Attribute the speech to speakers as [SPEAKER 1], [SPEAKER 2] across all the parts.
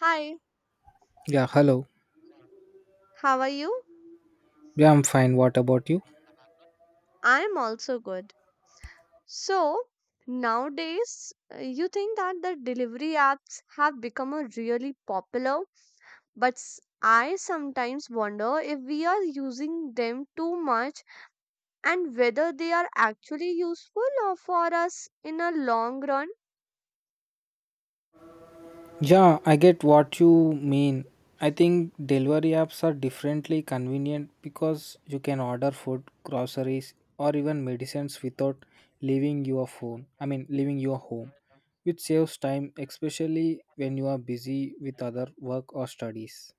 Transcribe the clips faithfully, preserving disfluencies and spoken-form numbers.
[SPEAKER 1] Hi,
[SPEAKER 2] Yeah, hello.
[SPEAKER 1] how are you?
[SPEAKER 2] Yeah, I'm fine. What about you?
[SPEAKER 1] I am also good. So, nowadays, uh, you think that the delivery apps have become a really popular, but s- I sometimes wonder if we are using them too much and whether they are actually useful or for us in a long run.
[SPEAKER 2] Yeah, I get what you mean. I think delivery apps are differently convenient because you can order food, groceries, or even medicines without leaving your phone. I mean, leaving your home, which saves time, especially when you are busy with other work or studies.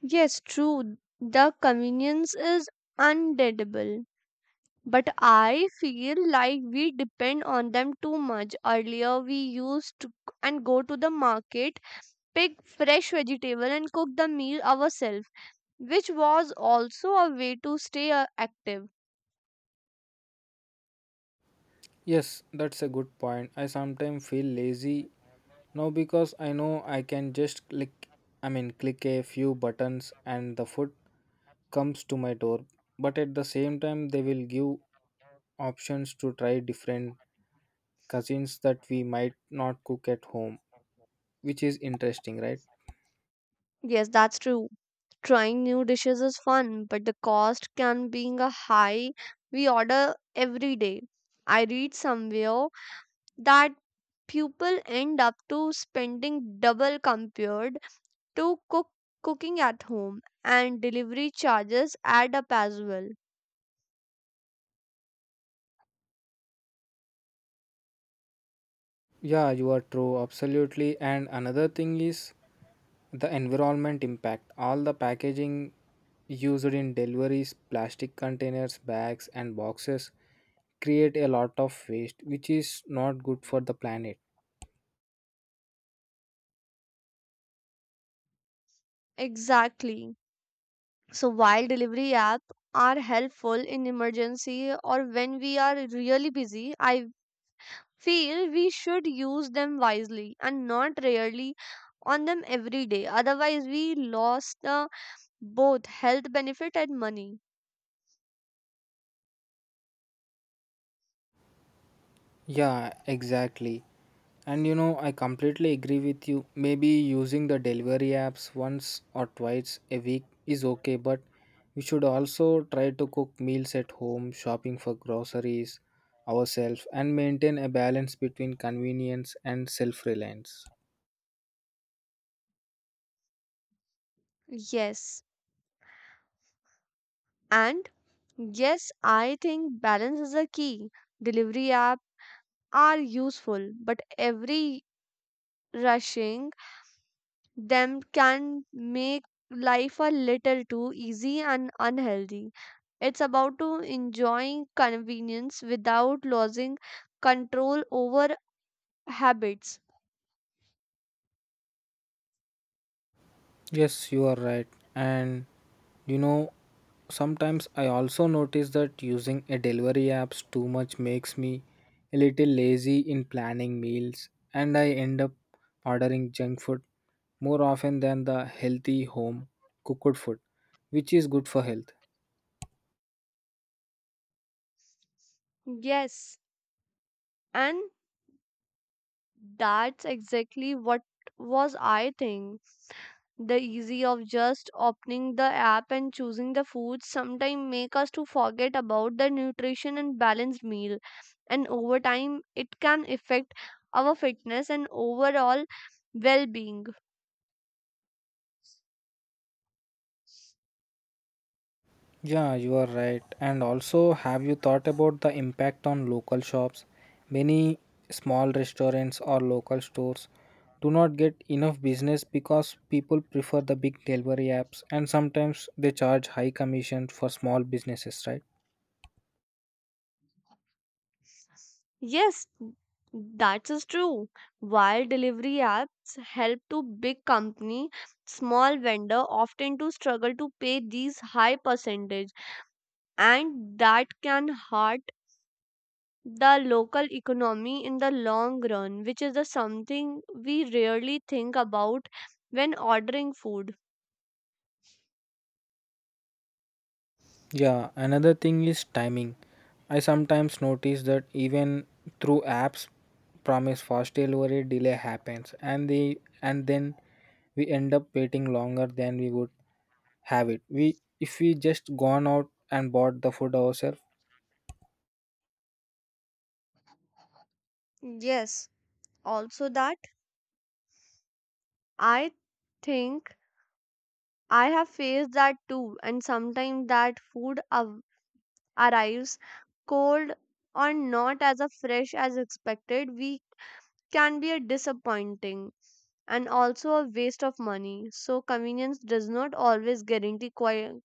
[SPEAKER 1] Yes, true. The convenience is undeadable. But I feel like we depend on them too much. Earlier, we used to g- and go to the market, pick fresh vegetable, and cook the meal ourselves, which was also a way to stay uh, active.
[SPEAKER 2] Yes, that's a good point. I sometimes feel lazy now because I know I can just click, I mean, click a few buttons and the food comes to my door, but at the same time they will give options to try different cuisines that we might not cook at home, which is interesting, right?
[SPEAKER 1] Yes, that's true. Trying new dishes is fun, but the cost can being a high. We order every day. I read somewhere that people end up to spending double compared to cook cooking at home, and delivery charges add up as well.
[SPEAKER 2] Yeah, you are true, absolutely. And another thing is the environment impact, all the packaging used in deliveries, plastic containers, bags and boxes, create a lot of waste which is not good for the planet.
[SPEAKER 1] Exactly. So while delivery apps are helpful in emergency or when we are really busy, I feel we should use them wisely and not rarely on them every day, otherwise we lost the both health benefit and money.
[SPEAKER 2] Yeah, exactly. And you know, I completely agree with you. Maybe using the delivery apps once or twice a week is okay, but we should also try to cook meals at home, shopping for groceries ourselves, and maintain a balance between convenience and self reliance.
[SPEAKER 1] Yes, and yes, I think balance is a key. Delivery app are useful, but every rushing them can make life a little too easy and unhealthy. It's about to enjoying convenience without losing control over habits.
[SPEAKER 2] Yes, you are right. And you know, sometimes I also notice that using a delivery apps too much makes me a little lazy in planning meals and I end up ordering junk food more often than the healthy home cooked food, which is good for health.
[SPEAKER 1] Yes, and that's exactly what was I think. The easy of just opening the app and choosing the foods sometimes make us to forget about the nutrition and balanced meal, and over time it can affect our fitness and overall well-being.
[SPEAKER 2] Yeah, you are right. And also, have you thought about the impact on local shops? Many small restaurants or local stores do not get enough business because people prefer the big delivery apps and sometimes they charge high commission for small businesses, right?
[SPEAKER 1] Yes, that is true. While delivery apps help to big company, small vendor often to struggle to pay these high percentage, and that can hurt the local economy in the long run, which is the something we rarely think about when ordering food.
[SPEAKER 2] Yeah, another thing is timing. I sometimes notice that even through apps promise fast delivery, delay happens and the and then we end up waiting longer than we would have it we if we just gone out and bought the food ourselves.
[SPEAKER 1] Yes, also that, I think I have faced that too, and sometimes that food av- arrives cold or not as a fresh as expected. We can be a disappointing and also a waste of money. So convenience does not always guarantee qui-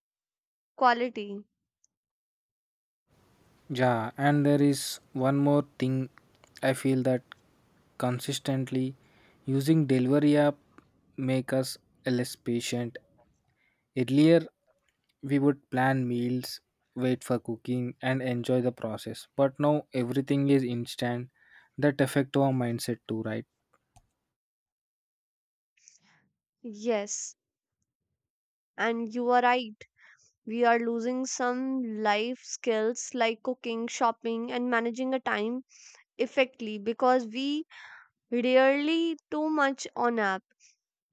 [SPEAKER 1] quality.
[SPEAKER 2] Yeah, and there is one more thing. I feel that consistently using delivery app make us less patient. Earlier we would plan meals, wait for cooking and enjoy the process, but now everything is instant. That affect our mindset too, right?
[SPEAKER 1] Yes, and you are right. We are losing some life skills like cooking, shopping, and managing a time effectively because we rarely too much on apps.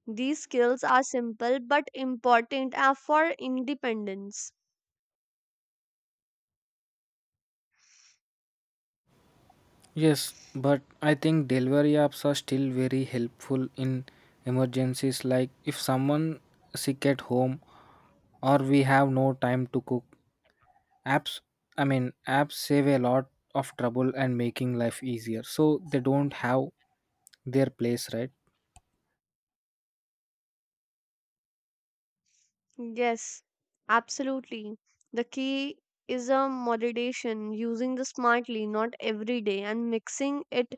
[SPEAKER 1] These skills are simple but important uh, for independence.
[SPEAKER 2] Yes, but I think delivery apps are still very helpful in emergencies, like if someone sick at home or we have no time to cook. Apps, I mean, apps save a lot of trouble and making life easier. So they don't have their place, right?
[SPEAKER 1] Yes, absolutely. The key is a moderation, using the smartly, not every day, and mixing it.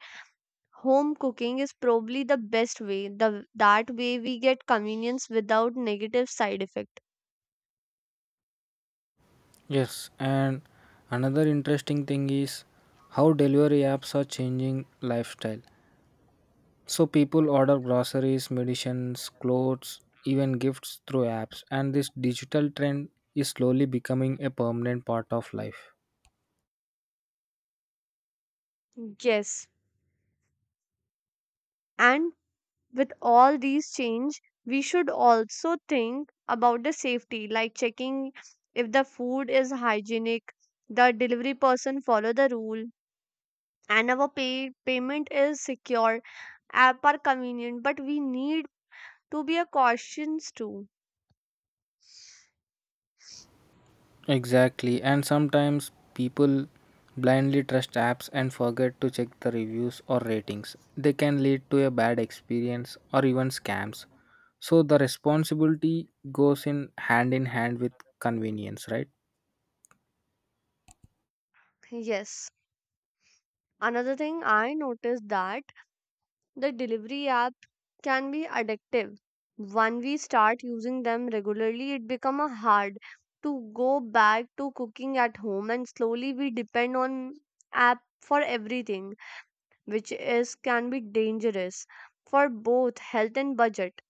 [SPEAKER 1] Home cooking is probably the best way. The that way we get convenience without negative side effect.
[SPEAKER 2] Yes, and another interesting thing is how delivery apps are changing lifestyle. So people order groceries, medicines, clothes, even gifts through apps, and this digital trend is slowly becoming a permanent part of life.
[SPEAKER 1] Yes, and with all these change we should also think about the safety like checking if the food is hygienic, the delivery person follow the rule, and our pay payment is secure. Uh, per convenient, but we need to be a cautious too.
[SPEAKER 2] Exactly, and sometimes people blindly trust apps and forget to check the reviews or ratings. They can lead to a bad experience or even scams. So the responsibility goes in hand in hand with convenience, right?
[SPEAKER 1] Yes, another thing I noticed that the delivery app can be addictive. When we start using them regularly, it becomes hard to go back to cooking at home, and slowly we depend on app for everything, which is can be dangerous for both health and budget.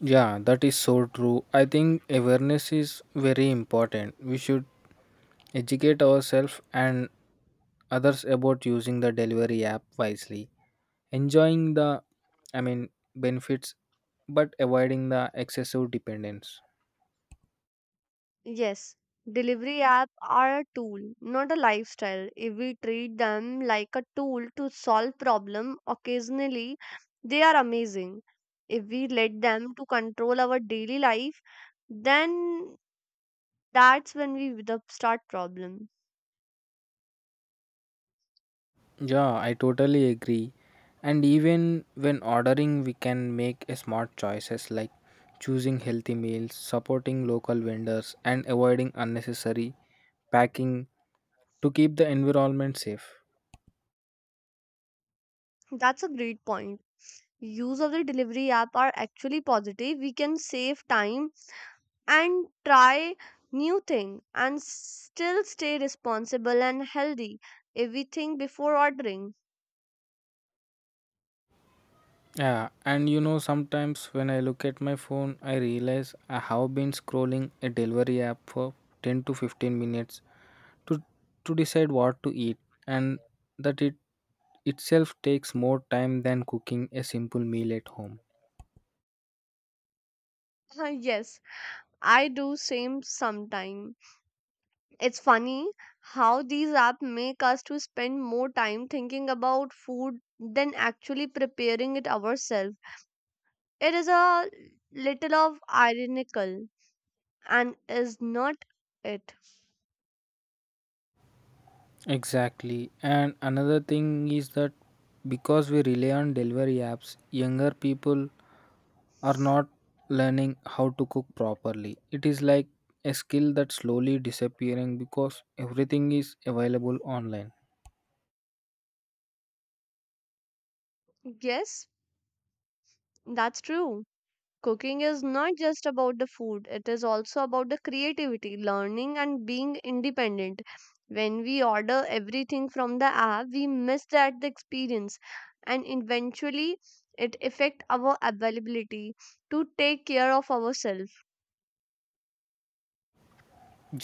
[SPEAKER 2] Yeah, that is so true. I think awareness is very important. We should educate ourselves and others about using the delivery app wisely, enjoying the, i mean benefits, but avoiding the excessive dependence.
[SPEAKER 1] Yes, delivery app are a tool, not a lifestyle. If we treat them like a tool to solve problem occasionally, they are amazing. If we let them to control our daily life, then that's when we with the start problem.
[SPEAKER 2] Yeah, I totally agree. And even when ordering we can make a smart choices, like choosing healthy meals, supporting local vendors and avoiding unnecessary packing to keep the environment safe.
[SPEAKER 1] That's a great point. Use of the delivery app are actually positive. We can save time and try new thing and still stay responsible and healthy if we think before ordering.
[SPEAKER 2] Yeah, and you know, sometimes when I look at my phone, I realize I have been scrolling a delivery app for ten to fifteen minutes to, to decide what to eat, and that it itself takes more time than cooking a simple meal at home.
[SPEAKER 1] Uh, yes, I do same sometime. It's funny how these apps make us to spend more time thinking about food than actually preparing it ourselves. It is a little of ironical, and is not it.
[SPEAKER 2] Exactly. And another thing is that because we rely on delivery apps, younger people are not learning how to cook properly. It is like a skill that's slowly disappearing because everything is available online.
[SPEAKER 1] Yes, that's true. Cooking is not just about the food, it is also about the creativity, learning, and being independent. When we order everything from the app, we miss that the experience, and eventually it affect our availability to take care of ourselves.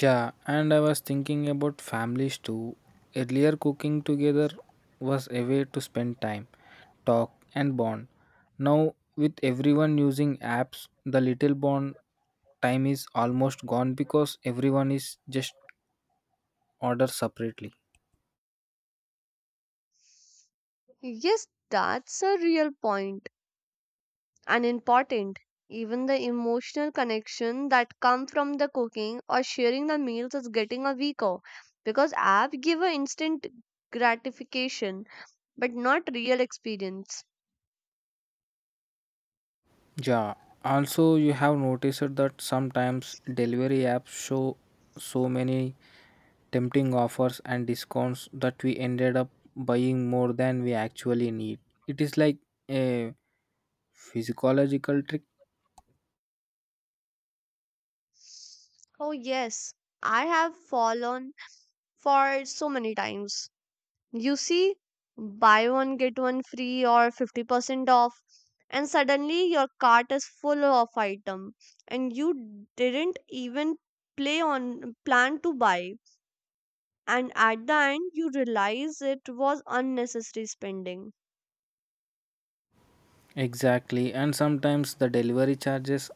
[SPEAKER 2] Yeah, and I was thinking about families too. Earlier, cooking together was a way to spend time, talk, and bond. Now, with everyone using apps, the little bond time is almost gone because everyone is just order separately.
[SPEAKER 1] Yes, that's a real point and important. Even the emotional connection that come from the cooking or sharing the meals is getting a weaker because app give a instant gratification but not real experience.
[SPEAKER 2] Yeah, also, you have noticed that sometimes delivery apps show so many tempting offers and discounts that we ended up buying more than we actually need. It is like a physiological trick.
[SPEAKER 1] Oh, yes, I have fallen for so many times. You see, buy one, get one free or fifty percent off, and suddenly your cart is full of item, and you didn't even play on plan to buy, and at the end you realize it was unnecessary spending.
[SPEAKER 2] Exactly, and sometimes the delivery charges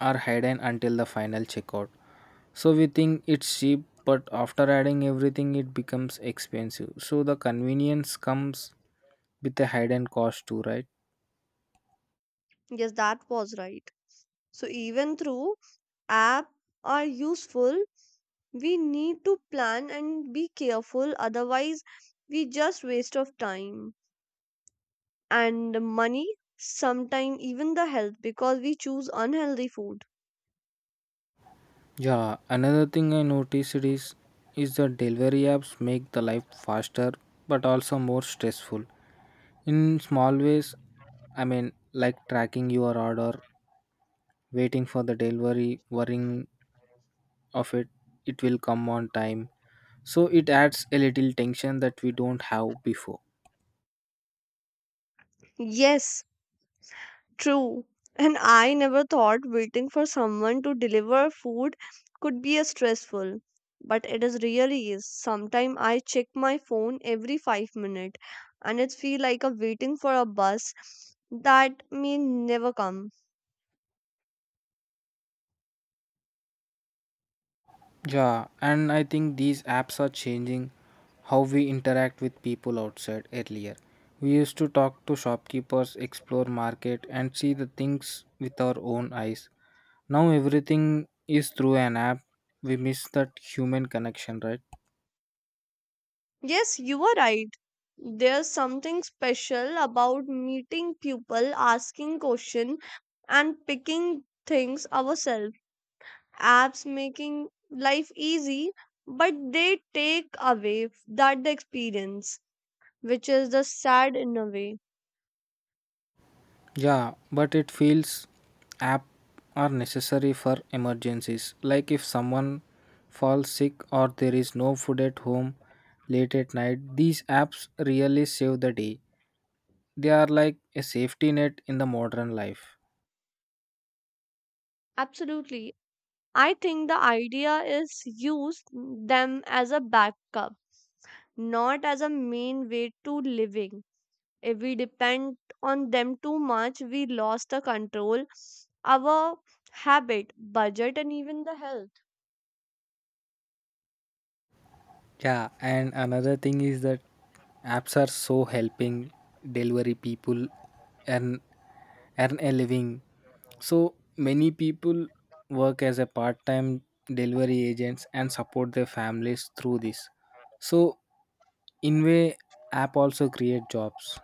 [SPEAKER 2] are hidden until the final checkout. So we think it's cheap, but after adding everything, it becomes expensive. So the convenience comes with a hidden cost too, right?
[SPEAKER 1] Yes, that was right. So even through app are useful, we need to plan and be careful, otherwise we just waste of time and money, sometimes even the health because we choose unhealthy food.
[SPEAKER 2] Yeah, another thing I noticed is is the delivery apps make the life faster but also more stressful. In small ways, I mean like tracking your order, waiting for the delivery, worrying of it, it will come on time. So it adds a little tension that we don't have before.
[SPEAKER 1] Yes, true. And I never thought waiting for someone to deliver food could be a stressful, but it is really is. Sometimes I check my phone every five minutes and it feel like a waiting for a bus that may never come.
[SPEAKER 2] Yeah, and I think these apps are changing how we interact with people outside earlier. We used to talk to shopkeepers, explore market and see the things with our own eyes. Now everything is through an app. We miss that human connection, right?
[SPEAKER 1] Yes, you are right. There's something special about meeting people, asking questions, and picking things ourselves. Apps making life easy, but they take away that the experience, which is the sad in a way.
[SPEAKER 2] Yeah, but it feels app are necessary for emergencies. Like if someone falls sick or there is no food at home late at night, these apps really save the day. They are like a safety net in the modern life.
[SPEAKER 1] Absolutely. I think the idea is use them as a backup, not as a main way to living. If we depend on them too much, we lost the control our habit, budget, and even the health.
[SPEAKER 2] Yeah, and another thing is that apps are so helping delivery people earn earn a living. So many people work as a part-time delivery agents and support their families through this. So in way, app also create jobs.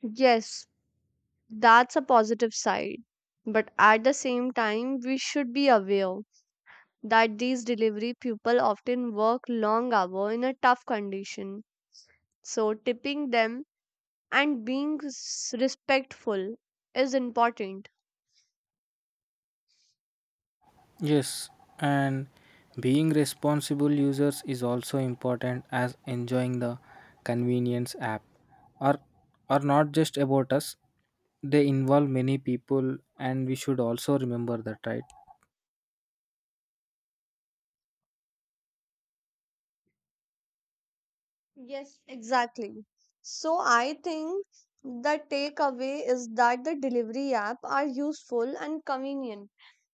[SPEAKER 1] Yes, that's a positive side. But at the same time, we should be aware that these delivery people often work long hours in a tough condition. So tipping them and being s- respectful is important.
[SPEAKER 2] Yes, and being responsible users is also important as enjoying the convenience. App are are not just about us. They involve many people and we should also remember that, right?
[SPEAKER 1] Exactly. So I think the takeaway is that the delivery app are useful and convenient,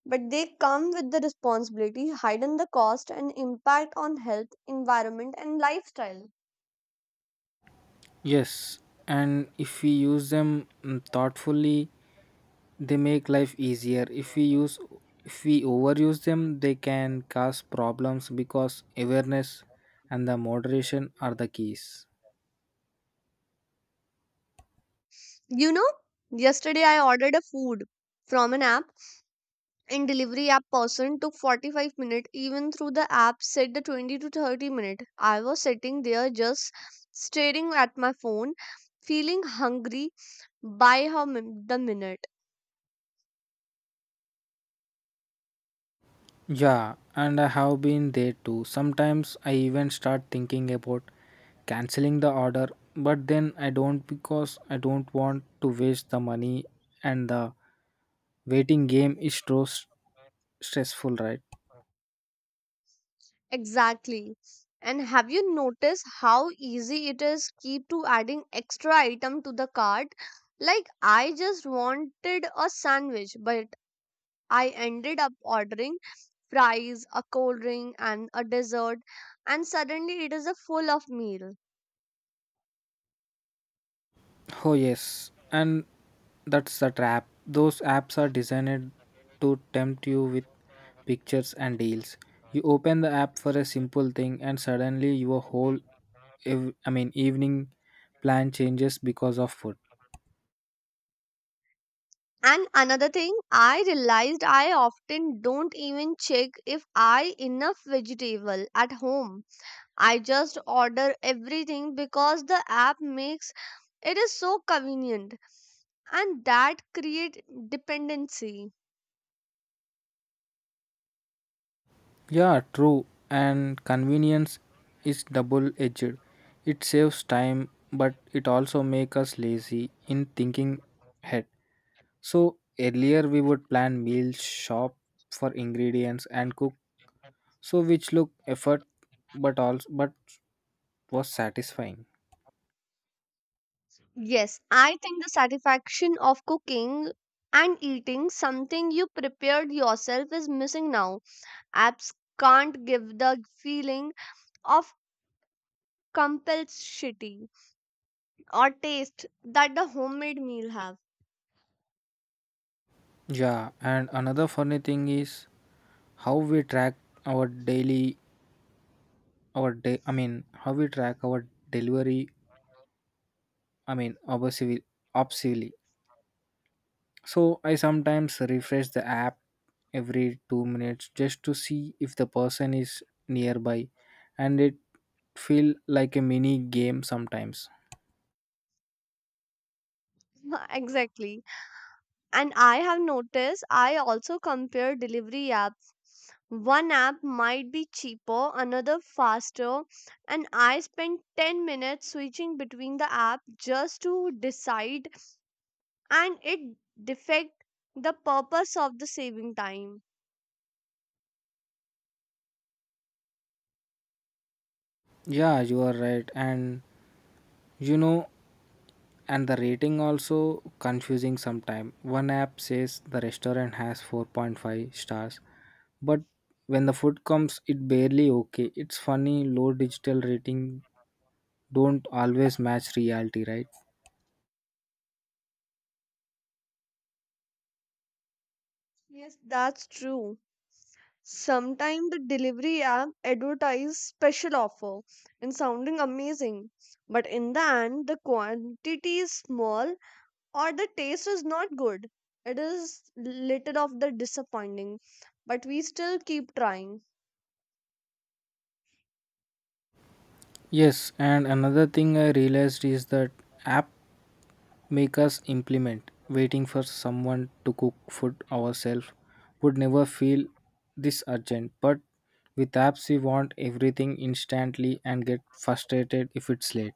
[SPEAKER 1] but they come with the responsibility, hidden the cost and impact on health, environment and lifestyle.
[SPEAKER 2] Yes, and if we use them, mm, thoughtfully, they make life easier. If we use if we overuse them, they can cause problems, because awareness and the moderation are the keys.
[SPEAKER 1] You know, yesterday I ordered a food from an app. In delivery app person took forty-five minutes even through the app said the twenty to thirty minute. I was sitting there just staring at my phone, feeling hungry by how min- the minute.
[SPEAKER 2] Yeah, and I have been there too. Sometimes I even start thinking about canceling the order, but then I don't because I don't want to waste the money, and the waiting game is so s- stressful, right?
[SPEAKER 1] Exactly. And have you noticed how easy it is keep to adding extra item to the cart. Like I just wanted a sandwich, but I ended up ordering fries, a cold drink, and a dessert, and suddenly it is a full of meal.
[SPEAKER 2] Oh, yes, and that's the trap. Those apps are designed to tempt you with pictures and deals. You open the app for a simple thing, and suddenly your whole, ev- I mean, evening plan changes because of food.
[SPEAKER 1] And another thing, I realized I often don't even check if I enough vegetable at home. I just order everything because the app makes it is so convenient, and that create dependency.
[SPEAKER 2] Yeah, true. And convenience is double edged. It saves time, but it also makes us lazy in thinking ahead. So earlier we would plan meals, shop for ingredients and cook. So which look effort but also but was satisfying.
[SPEAKER 1] Yes, I think the satisfaction of cooking and eating something you prepared yourself is missing now. Apps can't give the feeling of compulsivity or taste that the homemade meal have.
[SPEAKER 2] Yeah, and another funny thing is how we track our daily our day I mean how we track our delivery, I mean obsessively obsessively. So I sometimes refresh the app every two minutes just to see if the person is nearby, and it feel like a mini game sometimes.
[SPEAKER 1] Exactly. And I have noticed I also compare delivery apps. One app might be cheaper, another faster, and I spend ten minutes switching between the app just to decide, and it defect the purpose of the saving time.
[SPEAKER 2] Yeah, you are right. And you know, and the rating also confusing sometime. One app says the restaurant has four point five stars, but when the food comes, it barely okay. It's funny, low digital rating don't always match reality, right?
[SPEAKER 1] Yes, that's true. Sometimes the delivery app advertise special offer and sounding amazing, but in the end the quantity is small or the taste is not good. It is little of the disappointing, but we still keep trying.
[SPEAKER 2] Yes, and another thing I realized is that app make us implement. Waiting for someone to cook food ourselves would never feel this urgent. But with apps, we want everything instantly and get frustrated if it's late.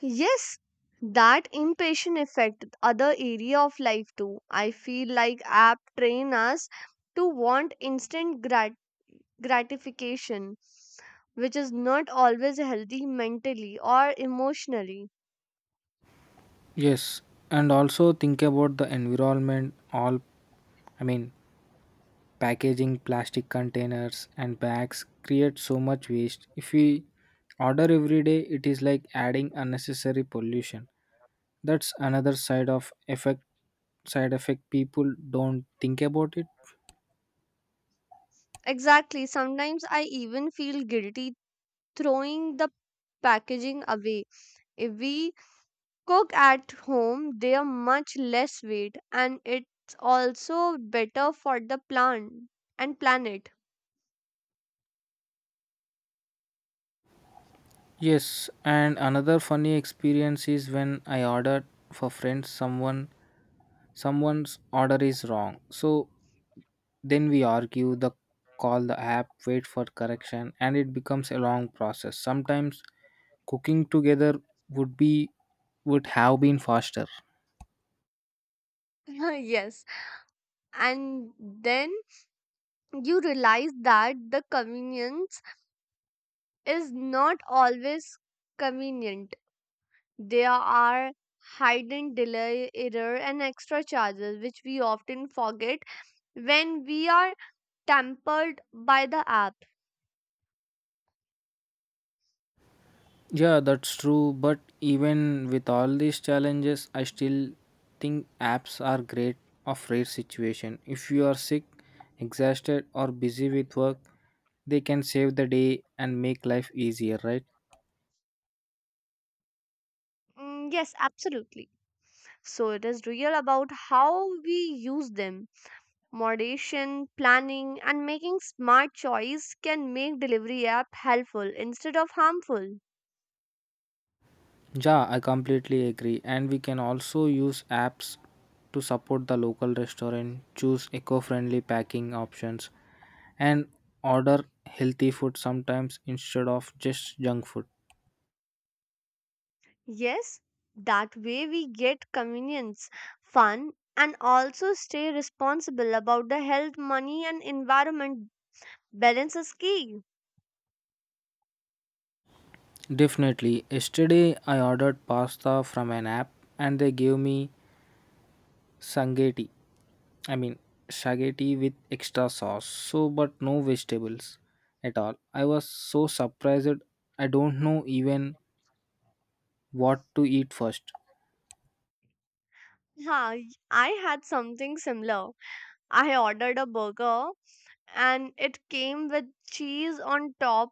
[SPEAKER 1] Yes, that impatient affect other area of life too. I feel like app train us to want instant grat gratification, which is not always healthy mentally or emotionally.
[SPEAKER 2] Yes, and also think about the environment. All I mean, packaging, plastic containers, and bags create so much waste. If we order every day, it is like adding unnecessary pollution. That's another side of effect side effect people don't think about it.
[SPEAKER 1] Exactly, sometimes I even feel guilty throwing the packaging away. If we cook at home, they are much less weight and it's also better for the plant and planet.
[SPEAKER 2] Yes, and another funny experience is when I ordered for friends, someone someone's order is wrong. So then we argue, the call the app, wait for correction, and it becomes a long process. Sometimes cooking together would be would have been faster.
[SPEAKER 1] Yes, and then you realize that the convenience is not always convenient. There are hidden delay, error, and extra charges which we often forget when we are tempered by the app.
[SPEAKER 2] Yeah, that's true. But even with all these challenges, I still think apps are great of rare situation. If you are sick, exhausted, or busy with work, they can save the day and make life easier, right?
[SPEAKER 1] Mm, yes, absolutely. So it is real about how we use them. Moderation, planning, and making smart choice can make delivery app helpful instead of harmful.
[SPEAKER 2] Yeah, I completely agree. And we can also use apps to support the local restaurant, choose eco-friendly packing options, and order healthy food sometimes instead of just junk food.
[SPEAKER 1] Yes, that way we get convenience, fun, and also stay responsible about the health, money, and environment. Balance is key.
[SPEAKER 2] Definitely. Yesterday I ordered pasta from an app and they gave me sangetti. I mean spaghetti with extra sauce. So but no vegetables at all. I was so surprised I don't know even what to eat first.
[SPEAKER 1] Yeah, I had something similar. I ordered a burger and it came with cheese on top,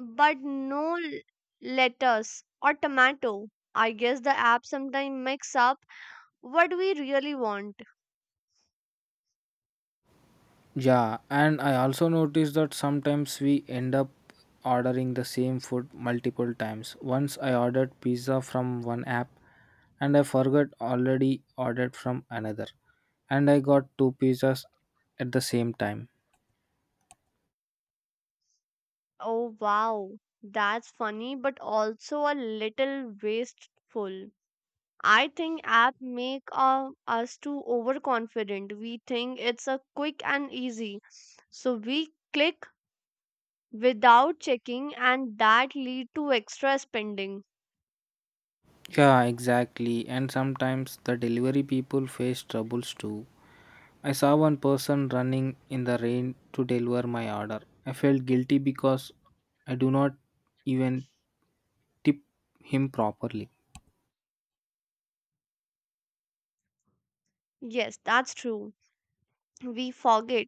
[SPEAKER 1] but no l- lettuce or tomato. I guess the app sometimes mix up what we really want.
[SPEAKER 2] Yeah, and I also noticed that sometimes we end up ordering the same food multiple times. Once I ordered pizza from one app and I forgot already ordered from another, and I got two pizzas at the same time.
[SPEAKER 1] Oh wow, that's funny, but also a little wasteful. I think app make uh, us too overconfident. We think it's a quick and easy, so we click without checking and that lead to extra spending.
[SPEAKER 2] Yeah, exactly. And sometimes the delivery people face troubles too. I saw one person running in the rain to deliver my order. I felt guilty because I do not even tip him properly.
[SPEAKER 1] Yes, that's true. We forget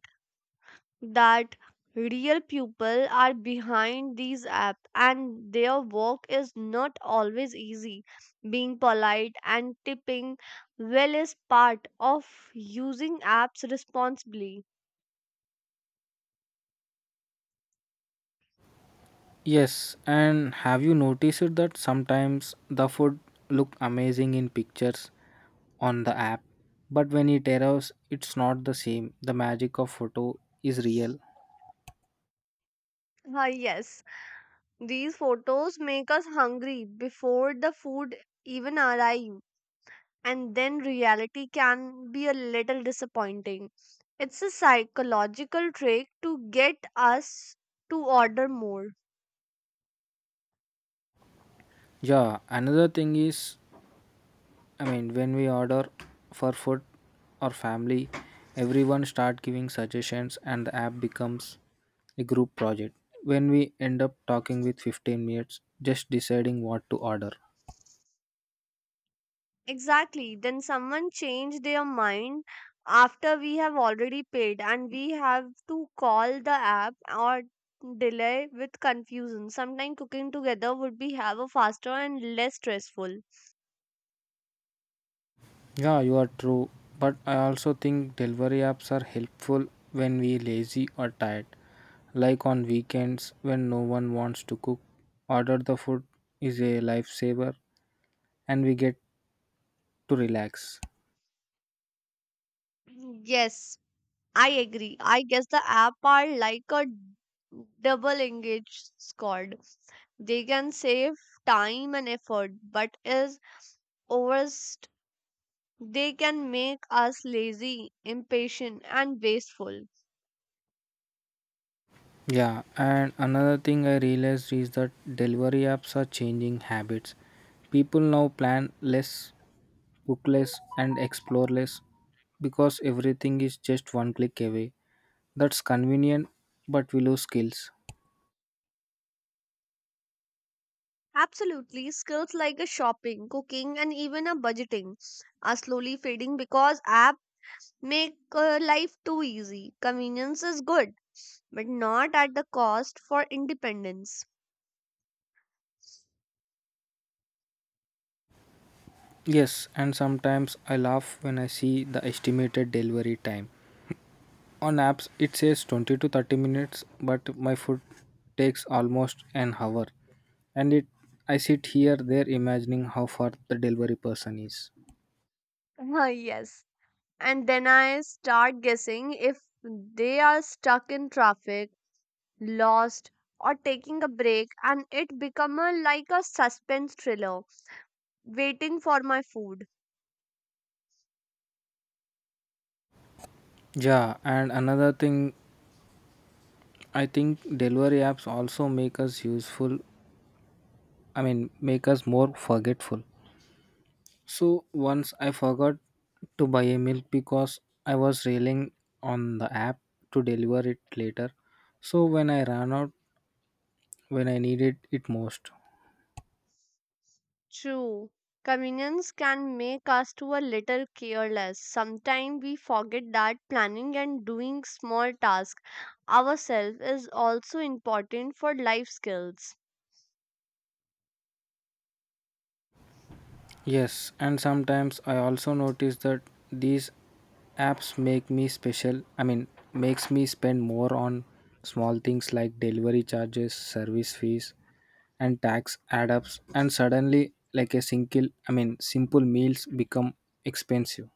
[SPEAKER 1] that real people are behind these apps and their work is not always easy. Being polite and tipping well is part of using apps responsibly.
[SPEAKER 2] Yes, and have you noticed it that sometimes the food look amazing in pictures on the app, but when it arrives, it's not the same. The magic of photo is real.
[SPEAKER 1] Ah yes, these photos make us hungry before the food even arrives, and then reality can be a little disappointing. It's a psychological trick to get us to order more.
[SPEAKER 2] Yeah, another thing is, I mean, when we order for food or family, everyone start giving suggestions, and the app becomes a group project. When we end up talking with fifteen minutes, just deciding what to order.
[SPEAKER 1] Exactly. Then someone change their mind after we have already paid, and we have to call the app or delay with confusion. Sometimes cooking together would be have a faster and less stressful.
[SPEAKER 2] Yeah, you are true. But I also think delivery apps are helpful when we lazy or tired. Like on weekends when no one wants to cook, order the food is a lifesaver and we get to relax.
[SPEAKER 1] Yes, I agree. I guess the app are like a double engaged squad. They can save time and effort, but is overst they can make us lazy, impatient, and wasteful.
[SPEAKER 2] Yeah, and another thing I realized is that delivery apps are changing habits. People now plan less, book less, and explore less because everything is just one click away. That's convenient, but we lose skills.
[SPEAKER 1] Absolutely, skills like a shopping, cooking, and even a budgeting are slowly fading because apps make uh, life too easy. Convenience is good, but not at the cost for independence.
[SPEAKER 2] Yes, and sometimes I laugh when I see the estimated delivery time. On apps, it says twenty to thirty minutes, but my food takes almost an hour. And it I sit here there imagining how far the delivery person is.
[SPEAKER 1] Yes. And then I start guessing if they are stuck in traffic, lost, or taking a break, and it become a, like a suspense thriller, waiting for my food.
[SPEAKER 2] Yeah, and another thing, I think delivery apps also make us useful, I mean, make us more forgetful. So once I forgot to buy a milk because I was railing on the app to deliver it later. So when I ran out when I needed it most.
[SPEAKER 1] True, convenience can make us to a little careless. Sometimes we forget that planning and doing small tasks ourselves is also important for life skills.
[SPEAKER 2] Yes, and sometimes I also notice that these apps make me special. I mean, makes me spend more on small things like delivery charges, service fees, and tax add ups, and suddenly like a single I mean simple meals become expensive.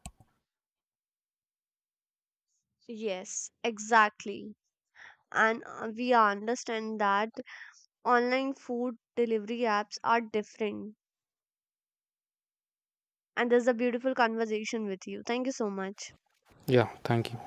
[SPEAKER 1] Yes, exactly. And uh, we understand that online food delivery apps are different. And this is a beautiful conversation with you. Thank you so much.
[SPEAKER 2] Yeah, thank you.